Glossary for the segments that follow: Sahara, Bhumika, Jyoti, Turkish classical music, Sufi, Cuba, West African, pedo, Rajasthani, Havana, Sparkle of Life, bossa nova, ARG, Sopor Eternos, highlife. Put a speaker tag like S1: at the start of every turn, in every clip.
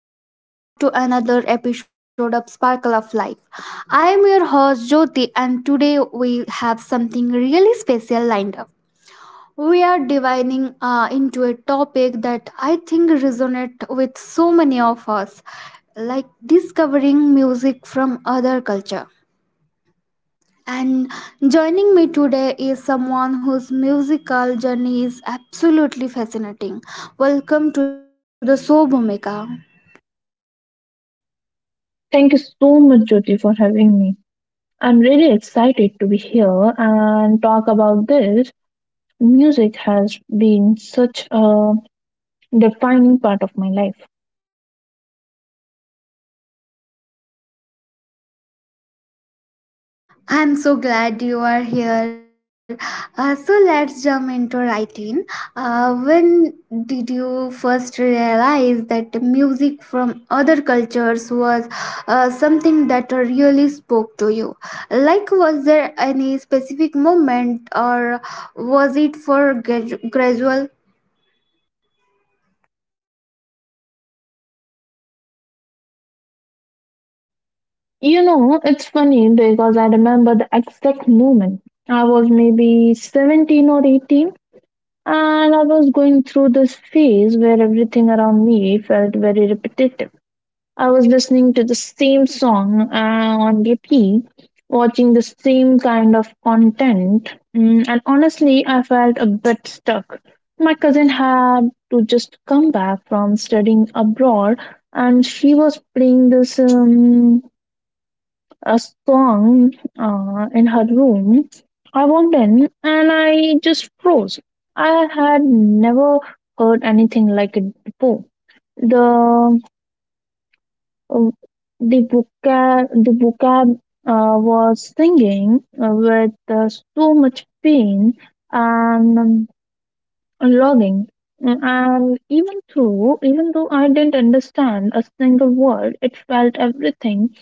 S1: Hello and welcome back to another episode of Sparkle of Life. I am your host Jyoti, and today we have something really special lined up. We are divining into a topic that I think resonates with so many of us, like discovering music from other culture. And joining me today is someone whose musical journey is absolutely fascinating. Welcome to the show, Bhumika.
S2: Thank you so much, Jyoti, for having me. I'm really excited to be here and talk about this. Music has been such a defining part of my life.
S1: I'm so glad you are here. So let's jump into writing. When did you first realize that the music from other cultures was something that really spoke to you? Like, was there any specific moment, or was it for gradual?
S2: You know, it's funny because I remember the exact moment. I was maybe 17 or 18, and I was going through this phase where everything around me felt very repetitive. I was listening to the same song on repeat, watching the same kind of content, and honestly, I felt a bit stuck. My cousin had to just come back from studying abroad, and she was playing this a song in her room. I walked in and I just froze. I had never heard anything like it before. The uh, the vocab was singing with so much pain and longing. Even though I didn't understand a single word, it felt everything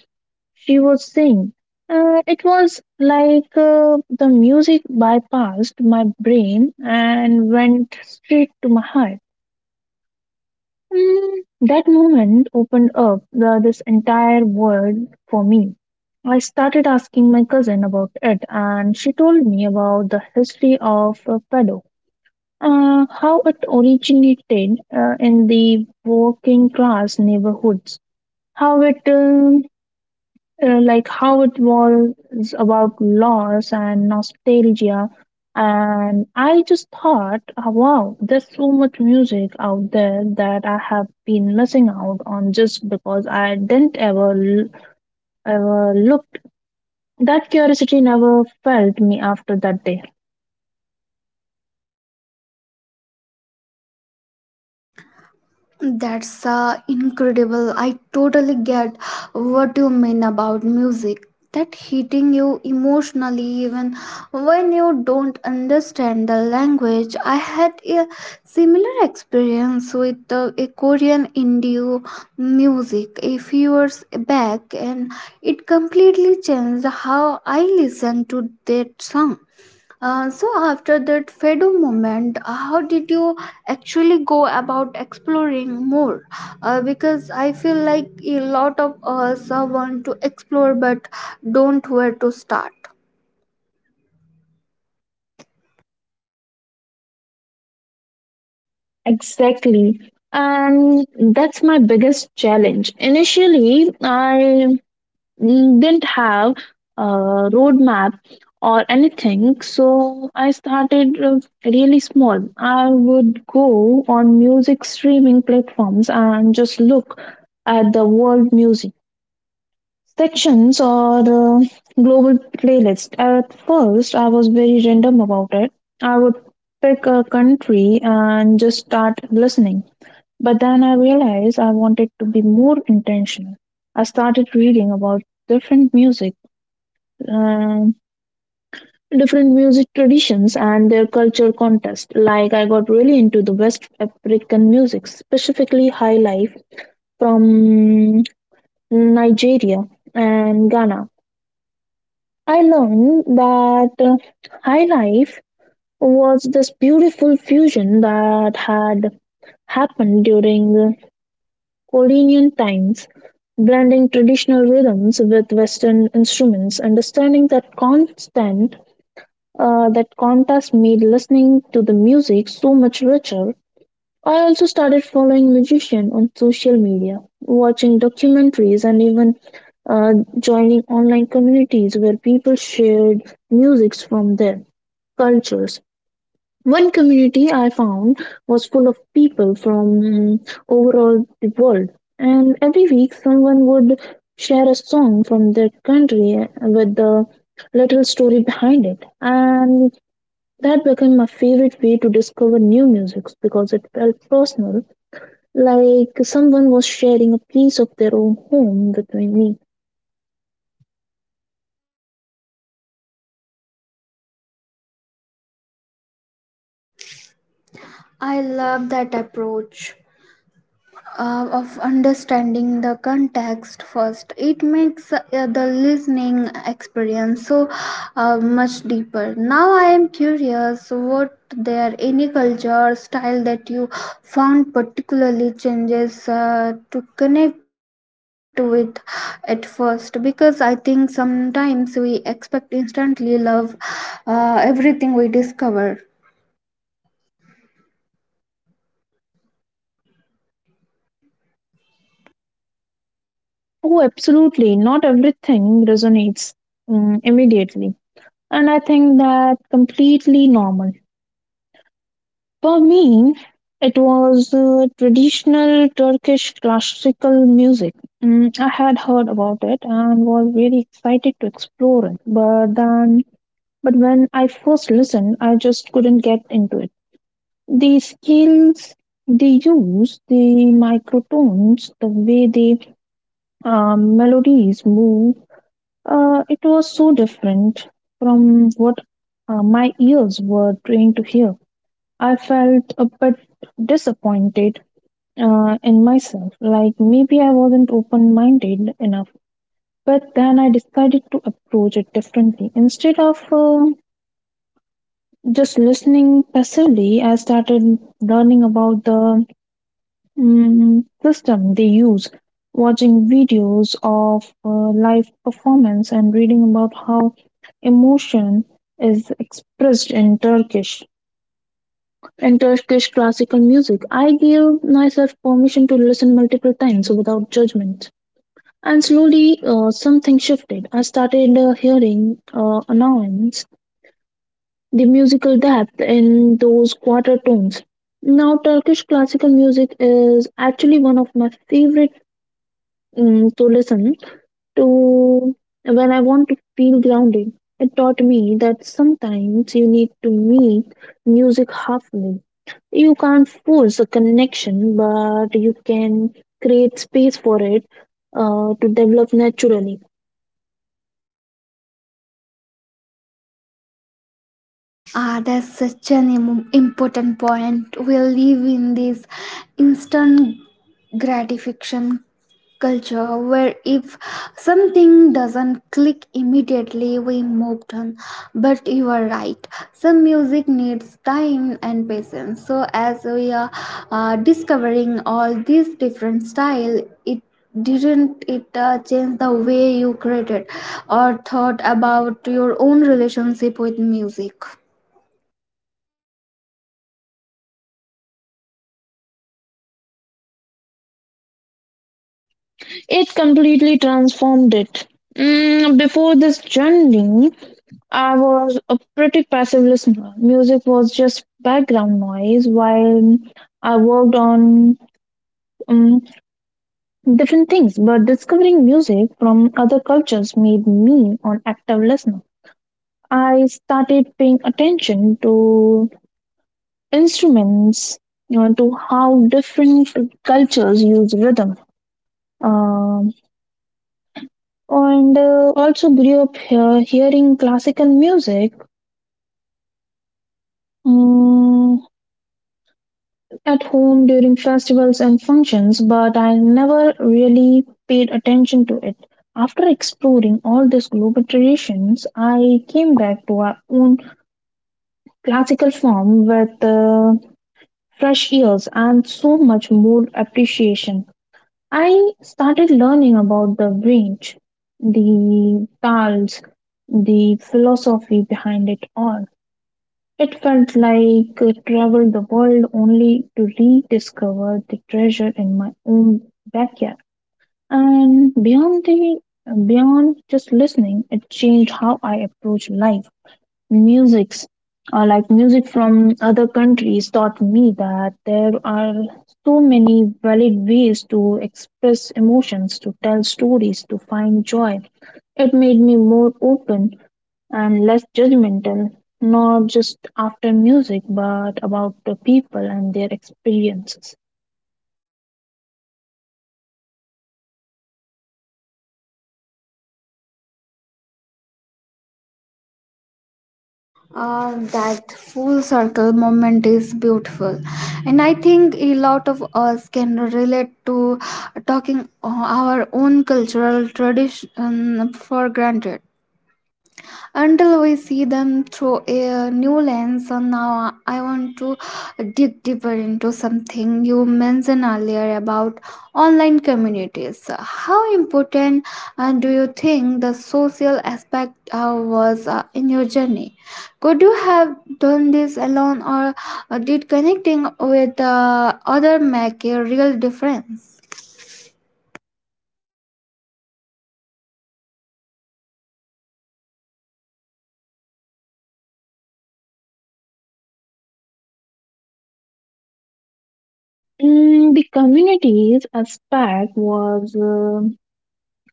S2: she was saying. It was like the music bypassed my brain and went straight to my heart. That moment opened up this entire world for me. I started asking my cousin about it, and she told me about the history of pedo, how it originated in the working class neighborhoods, how it like how it was about loss and nostalgia. And I just thought, oh, wow, there's so much music out there that I have been missing out on just because I didn't ever looked. That curiosity never felt me after that day.
S1: That's incredible. I totally get what you mean about music. That hitting you emotionally, even when you don't understand the language. I had a similar experience with a Korean indie music a few years back, and it completely changed how I listen to that song. So after that Fedo moment, how did you actually go about exploring more? Because I feel like a lot of us want to explore but don't where to start.
S2: Exactly. And that's my biggest challenge. Initially, I didn't have a roadmap or anything, so I started really small. I would go on music streaming platforms and just look at the world music sections or global playlist. At first, I was very random about it. I would pick a country and just start listening, but then I realized I wanted to be more intentional. I started reading about different music um, traditions and their culture contest. Like, I got really into the West African music, specifically highlife from Nigeria and Ghana. I learned that highlife was this beautiful fusion that had happened during the colonial times, blending traditional rhythms with Western instruments. Understanding that constant that contest made listening to the music so much richer. I also started following musicians on social media, watching documentaries, and even uh, joining online communities where people shared musics from their cultures. One community I found was full of people from overall the world, and every week someone would share a song from their country with the little story behind it. And that became my favorite way to discover new music because it felt personal, like someone was sharing a piece of their own home with me.
S1: I love that approach, of understanding the context first. It makes the listening experience so much deeper. Now I am curious, what there any culture or style that you found particularly changes to connect with at first? Because I think sometimes we expect instantly love everything we discover.
S2: Oh, absolutely. Not everything resonates immediately. And I think that completely normal. For me, it was traditional Turkish classical music. I had heard about it and was really excited to explore it. But when I first listened, I just couldn't get into it. The scales they use, the microtones, the way the melodies move, it was so different from what my ears were trained to hear. I felt a bit disappointed in myself, like maybe I wasn't open minded enough. But then I decided to approach it differently. Instead of just listening passively, I started learning about the system they use, watching videos of live performance and reading about how emotion is expressed in Turkish. In Turkish classical music, I gave myself permission to listen multiple times without judgment. And slowly, something shifted. I started hearing annoyance, the musical depth in those quarter tones. Now, Turkish classical music is actually one of my favorite to listen to when I want to feel grounded. It taught me that sometimes you need to meet music halfway. You can't force a connection, but you can create space for it to develop naturally.
S1: Ah, that's such an important point. We live in this instant gratification culture where if something doesn't click immediately, we move on. But you are right, some music needs time and patience. So, as we are discovering all these different style, it didn't it change the way you created or thought about your own relationship with music?
S2: It completely transformed it. Before this journey, I was a pretty passive listener. Music was just background noise while I worked on um, different things, but discovering music from other cultures made me an active listener. I started paying attention to instruments, you know, to how different cultures use rhythm. Um, and Also grew up here hearing classical music. Mm, at home during festivals and functions, but I never really paid attention to it. After exploring all these global traditions, I came back to our own classical form with fresh ears and so much more appreciation. I started learning about the range, the tals, the philosophy behind it all. It felt like I traveled the world only to rediscover the treasure in my own backyard. And beyond just listening, it changed how I approach life. Musics, like music from other countries, taught me that there are so many valid ways to express emotions, to tell stories, to find joy. It made me more open and less judgmental, not just after music, but about the people and their experiences.
S1: That full circle moment is beautiful, and I think a lot of us can relate to talking our own cultural tradition for granted until we see them through a new lens. So now I want to dig deeper into something you mentioned earlier about online communities. How important do you think the social aspect was in your journey? Could you have done this alone, or did connecting with other make a real difference?
S2: The communities aspect was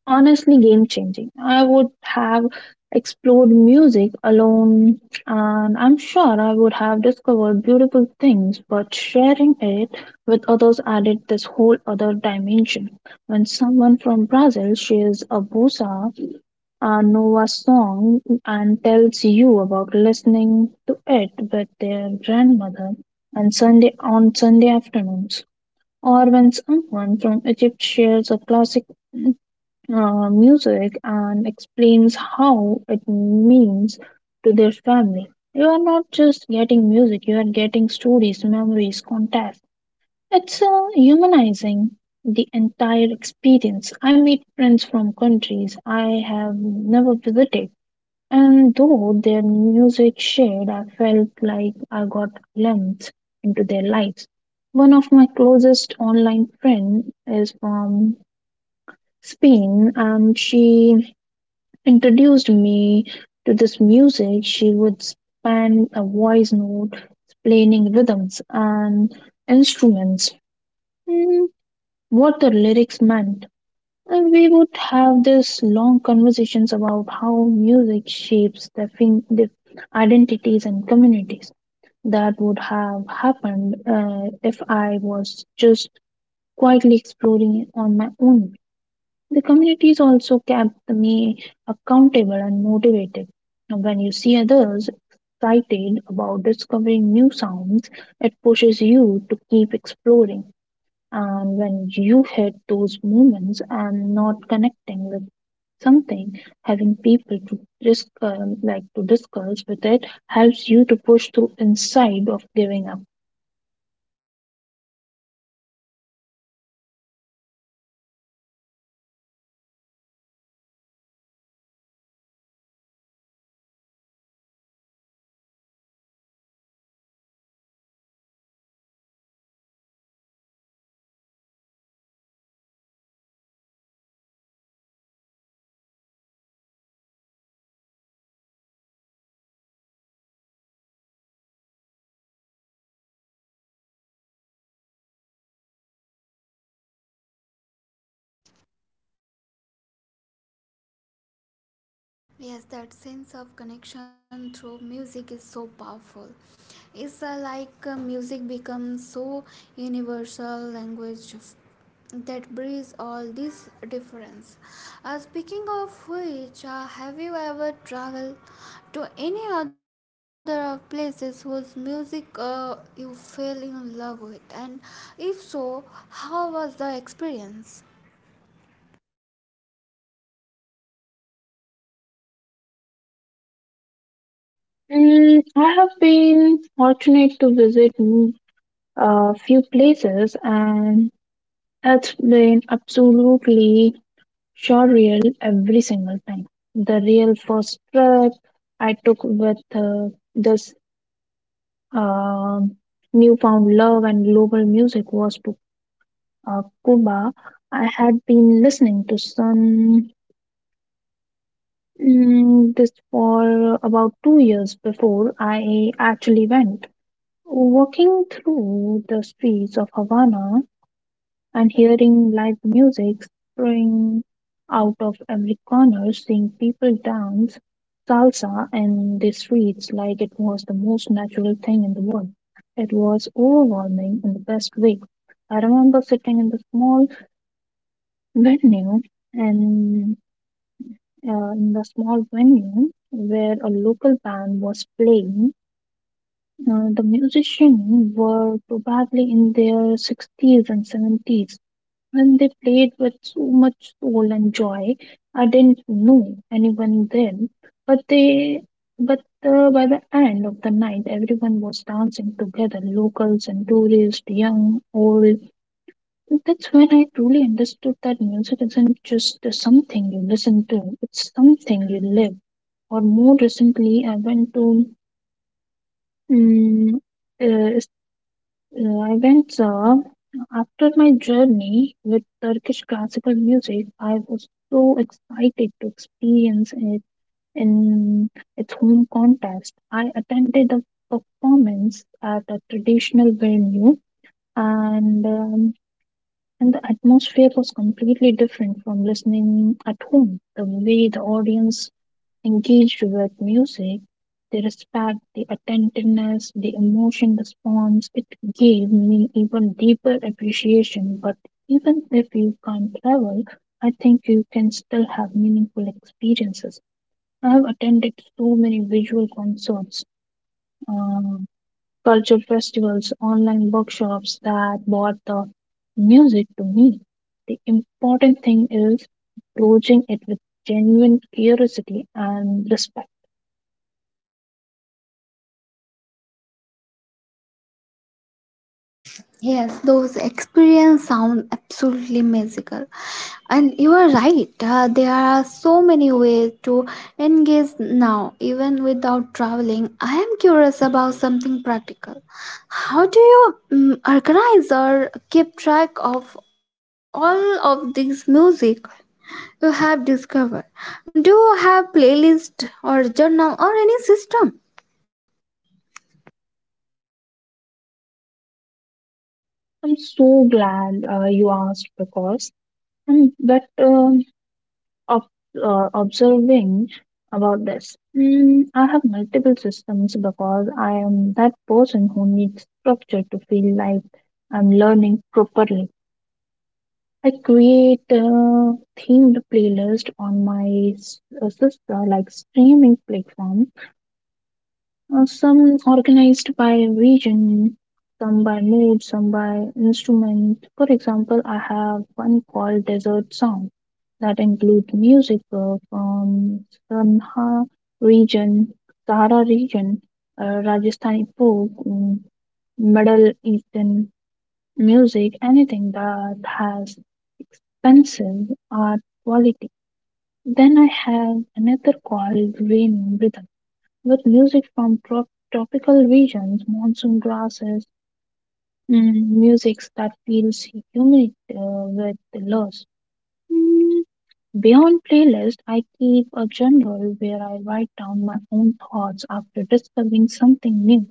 S2: honestly game changing. I would have explored music alone, and I'm sure I would have discovered beautiful things, but sharing it with others added this whole other dimension. When someone from Brazil shares a bossa Nova song and tells you about listening to it with their grandmother and Sunday afternoons, or when someone from Egypt shares a classic music and explains how it means to their family. You are not just getting music; you are getting stories, memories, context. It's humanizing the entire experience. I meet friends from countries I have never visited, and though their music shared, I felt like I got glimpse into their lives. One of my closest online friends is from Spain, and she introduced me to this music. She would span a voice note, explaining rhythms and instruments, mm, what the lyrics meant, and we would have these long conversations about how music shapes the identities and communities that would have happened if I was just quietly exploring it on my own. The communities also kept me accountable and motivated. And when you see others excited about discovering new sounds, it pushes you to keep exploring. And when you hit those moments and not connecting with something, having people to discuss with it helps you to push through inside of giving up.
S1: Yes, that sense of connection through music is so powerful. It's like music becomes so universal language that breeds all this difference. Speaking of which, have you ever traveled to any other of places whose music you fell in love with? And if so, how was the experience?
S2: I have been fortunate to visit a few places, and it's been absolutely surreal every single time. The real first trip I took with this um newfound love and global music was Cuba. I had been listening to some this for about 2 years before I actually went. Walking through the streets of Havana and hearing live music spring out of every corner, seeing people dance salsa in the streets like it was the most natural thing in the world. It was overwhelming in the best way. I remember sitting in the small venues and in the small venue where a local band was playing, the musicians were probably in their 60s and 70s, and they played with so much soul and joy. I didn't know anyone then, but they but by the end of the night, everyone was dancing together, locals and tourists, young, old. That's when I truly understood that music isn't just something you listen to, it's something you live. Or more recently, um, uh, I went after my journey with Turkish classical music. I was so excited to experience it in its home context. I attended a performance at a traditional venue, and um, and the atmosphere was completely different from listening at home. The way the audience engaged with music, the respect, the attentiveness, the emotion response, it gave me even deeper appreciation. But even if you can't travel, I think you can still have meaningful experiences. I have attended so many visual concerts. Um, Culture festivals, online workshops that brought the music to me. The important thing is approaching it with genuine curiosity and respect.
S1: Yes, those experience sound absolutely magical. And you are right, there are so many ways to engage now, even without traveling. I am curious about something practical. How do you organize or keep track of all of this music you have discovered? Do you have playlist or journal or any system?
S2: I'm so glad you asked because I'm but um, ob- observing about this. I have multiple systems because I am that person who needs structure to feel like I'm learning properly. I create a themed playlist on my s- sister like streaming platform. Some organized by region, some by mood, some by instrument. For example, I have one called Desert Song that includes music from region, Sahara region, Rajasthani folk, Middle Eastern music, anything that has expensive art quality. Then I have another called rain rhythm with music from tropical regions, monsoon grasses, musics that feels humid with the loss. Mm, Beyond playlist, I keep a journal where I write down my own thoughts after discovering something new.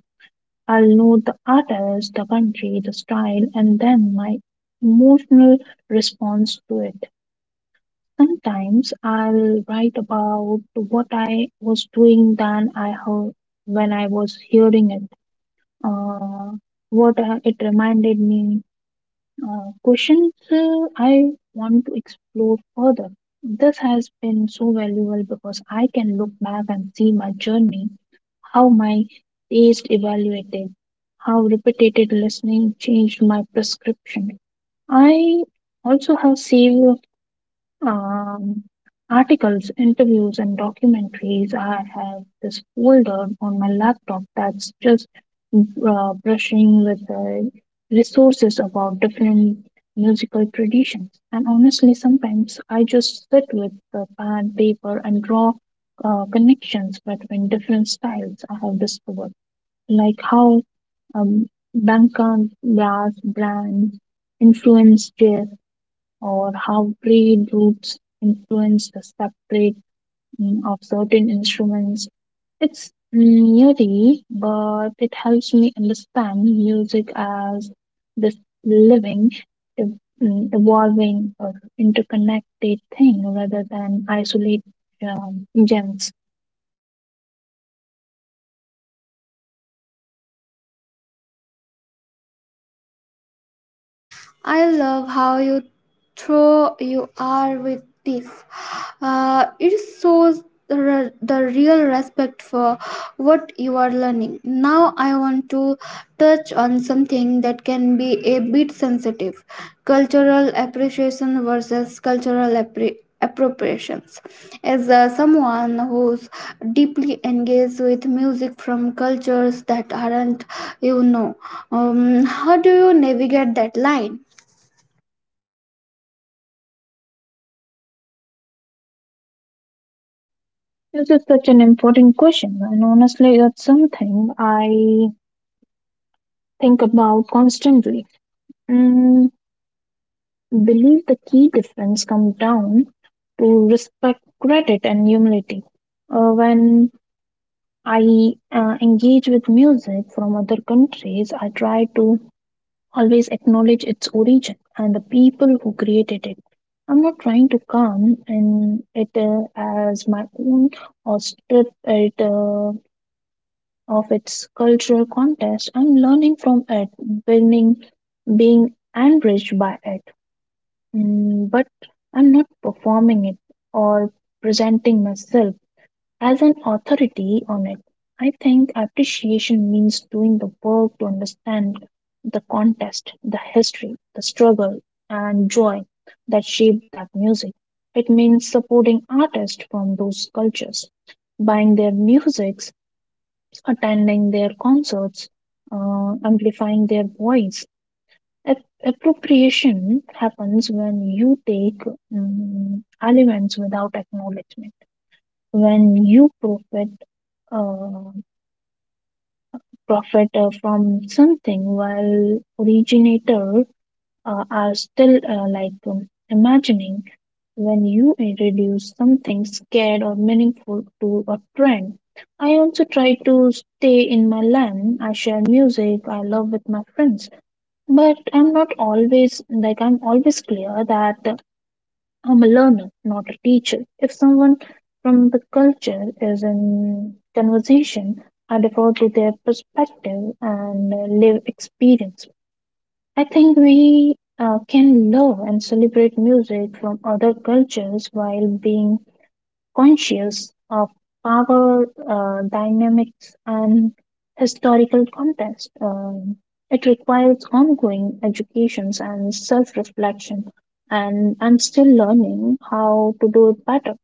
S2: I'll know the artist, the country, the style, and then my emotional response to it. Sometimes I'll write about what I was doing than I heard when I was hearing it, uh, what it reminded me, questions I want to explore further. This has been so valuable because I can look back and see my journey how my taste evaluated, how repeated listening changed my prescription. I also have saved um, articles, interviews, and documentaries. I have this folder on my laptop that's just brushing with the resources about different musical traditions. And honestly, sometimes I just sit with the pad, paper, and draw connections between different styles I have discovered, like how um, Bangkok brass brands influence jazz or how trade groups influence the separate of certain instruments. It's nerdy, but it helps me understand music as this living, evolving, or interconnected thing rather than isolated gems.
S1: I love how you throw you are with this. It shows the, the real respect for what you are learning. Now I want to touch on something that can be a bit sensitive: cultural appreciation versus cultural appropriations. As someone who's deeply engaged with music from cultures that aren't, you know, how do you navigate that line?
S2: This is such an important question, and honestly, that's something I think about constantly. Mm, believe the key difference comes down to respect, credit, and humility. When I engage with music from other countries, I try to always acknowledge its origin and the people who created it. I'm not trying to come in it as my own or strip it of its cultural context. I'm learning from it, being, being enriched by it. But I'm not performing it or presenting myself as an authority on it. I think appreciation means doing the work to understand the context, the history, the struggle, and joy that shaped that music. It means supporting artists from those cultures, buying their musics, attending their concerts, amplifying their voice. Appropriation happens when you take mm elements without acknowledgement when you profit uh, from something while originator are still imagining when you introduce something scared or meaningful to a trend. I also try to stay in my lane. I share music I love with my friends. But I'm not always like I'm always clear that I'm a learner, not a teacher. If someone from the culture is in conversation, I defer to their perspective and live experience. I think we can love and celebrate music from other cultures while being conscious of power dynamics and historical context. It requires ongoing educations and self-reflection, and I'm still learning how to do it better.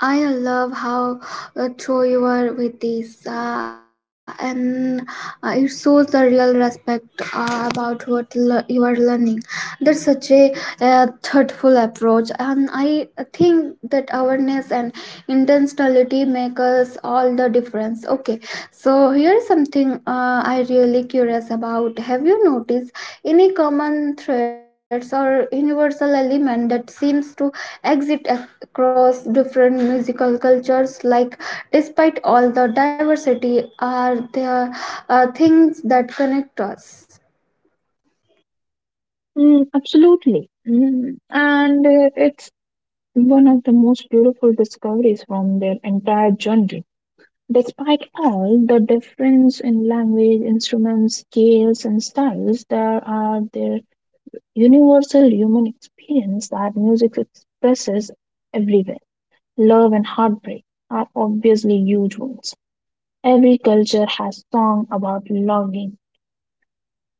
S1: I love how true you are with this, and it shows the real respect about what you are learning. That's such a thoughtful approach, and I think that awareness and intentionality make us all the difference. Okay, so here's something, I really curious about. Have you noticed any common threads or universal element that seems to exist across different musical cultures? Like, despite all the diversity, are there things that connect us?
S2: Mm, absolutely. And it's one of the most beautiful discoveries from their entire journey. Despite all the difference in language, instruments, scales, and styles, there are their universal human experience that music expresses everywhere. Love and heartbreak are obviously huge ones. Every culture has song about longing,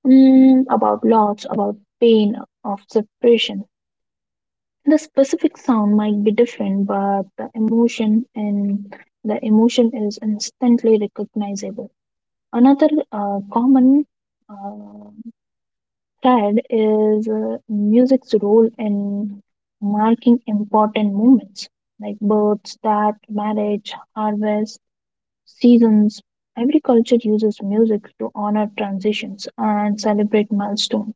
S2: mm, about loss, about pain of separation. The specific sound might be different, but the emotion is instantly recognizable. Another common uh, Third is music's role in marking important moments like births, death, marriage, harvest, seasons. Every culture uses music to honor transitions and celebrate milestones.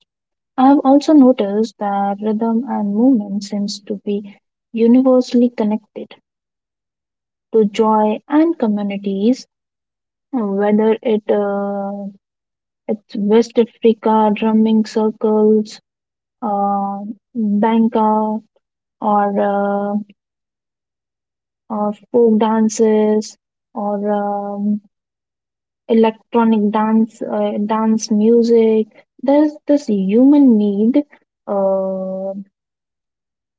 S2: I've also noticed that rhythm and movement seems to be universally connected to joy and communities, whether it's West Africa drumming circles, uh, banka, or folk dances, or electronic dance music. there's this human need uh,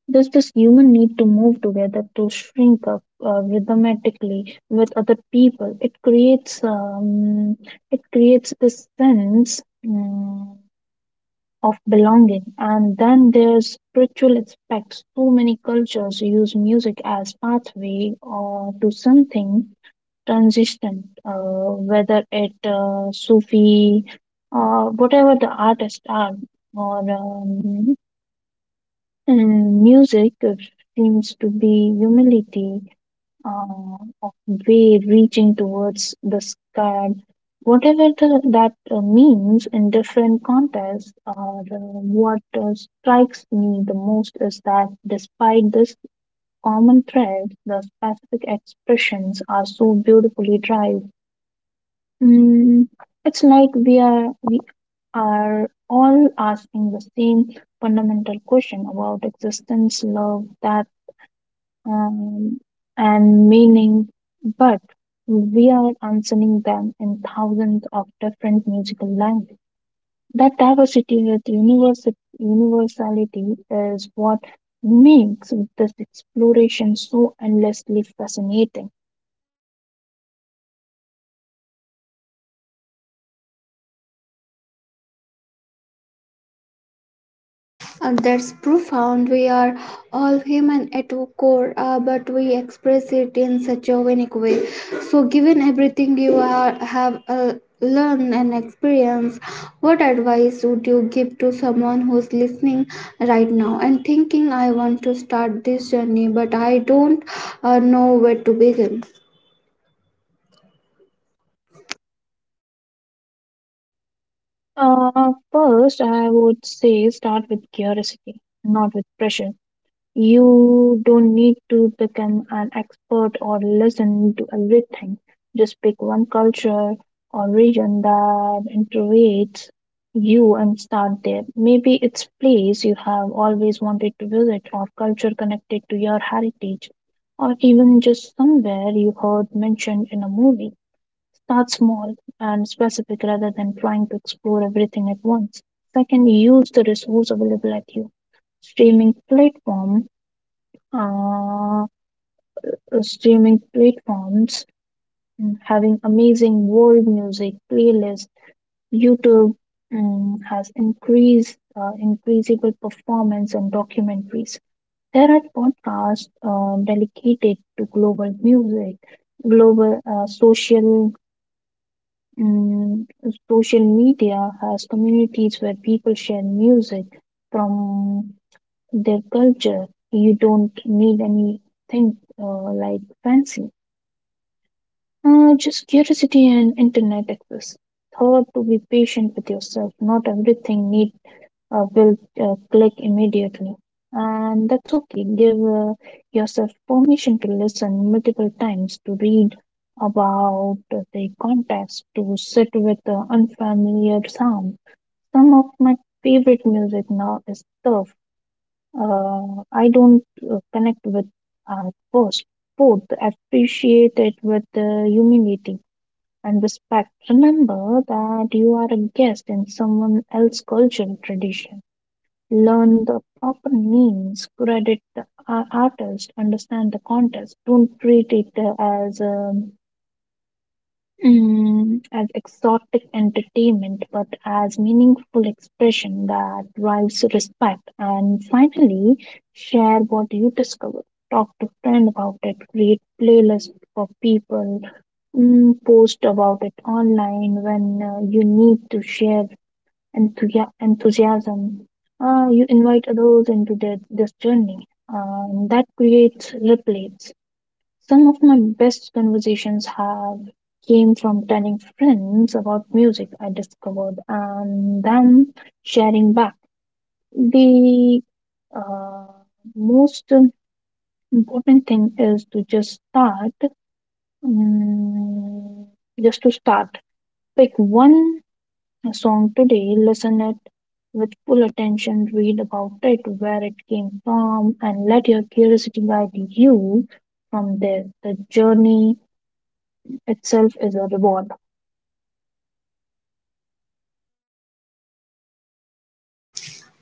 S2: there's this human need to move together, to shrink up rhythmatically with other people. It creates this sense of belonging. And then there's spiritual aspects. Too many cultures use music as pathway or to something transcendent, whether it Sufi, whatever the artists are, or music seems to be humility uh, of way reaching towards the sky, whatever that means in different contexts, or what strikes me the most is that despite this common thread, the specific expressions are so beautifully derived. Mm, it's like we are all asking the same fundamental question about existence, love, that um, and meaning, but we are answering them in thousands of different musical languages. That diversity with universality is what makes this exploration so endlessly fascinating.
S1: That's profound. We are all human at our core, but we express it in such a unique way. So, given everything you are, have learned and experienced, what advice would you give to someone who's listening right now and thinking, I want to start this journey, but I don't know where to begin?
S2: First, I would say start with curiosity, not with pressure. You don't need to become an expert or listen to everything. Just pick one culture or region that interests you and start there. Maybe it's place you have always wanted to visit or culture connected to your heritage or even just somewhere you heard mentioned in a movie. Start small and specific rather than trying to explore everything at once. Second, use the resource available at you. Streaming platform uh, Streaming platforms, having amazing world music playlist. YouTube has increased increasable performance and documentaries. There are podcasts dedicated to global music, global mm, social media has communities where people share music from their culture. You don't need anything like fancy. Just curiosity and internet access. Thought to be patient with yourself. Not everything need will click immediately, and that's okay. Give yourself permission to listen multiple times, to read about the context, to sit with the unfamiliar sound. Some of my favorite music now is stuff I don't connect with at first. Fourth, appreciate it with humility and respect. Remember that you are a guest in someone else's cultural tradition. Learn the proper names, credit the artist, understand the context. Don't treat it as exotic entertainment, but as meaningful expression that drives respect. And finally, share what you discover. Talk to friend about it. Create playlist for people. Post about it online when you need to share enthusiasm. You invite others into this journey. That creates ripples. Some of my best conversations have came from telling friends about music I discovered and them sharing back. The uh, most important thing is to just start, mm, just to start. Pick one song today, listen it with full attention, read about it, where it came from, and let your curiosity guide you from there. The journey itself is a reward.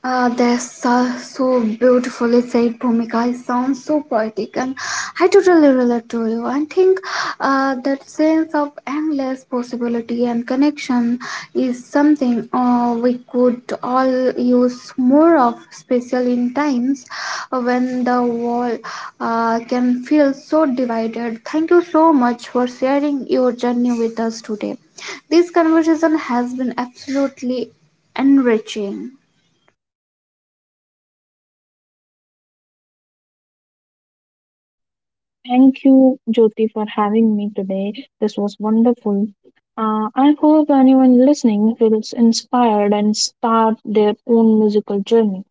S1: Ah, that's so, so beautifully said, Bhumika. It sounds so poetic, and I totally relate to you. I think that sense of endless possibility and connection is something we could all use more of, especially in times when the world can divided. Thank you so much for sharing your journey with us today. This conversation has been absolutely enriching.
S2: Thank you, Jyoti, for having me today. This was wonderful. I hope anyone listening feels inspired and start their own musical journey.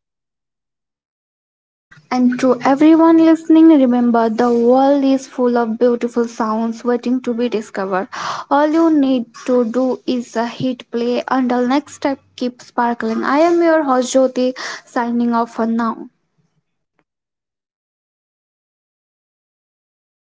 S1: And to everyone listening, remember the world is full of beautiful sounds waiting to be discovered. All you need to do is hit play. Until next time, keep sparkling. I am your host Jyoti, signing off for now.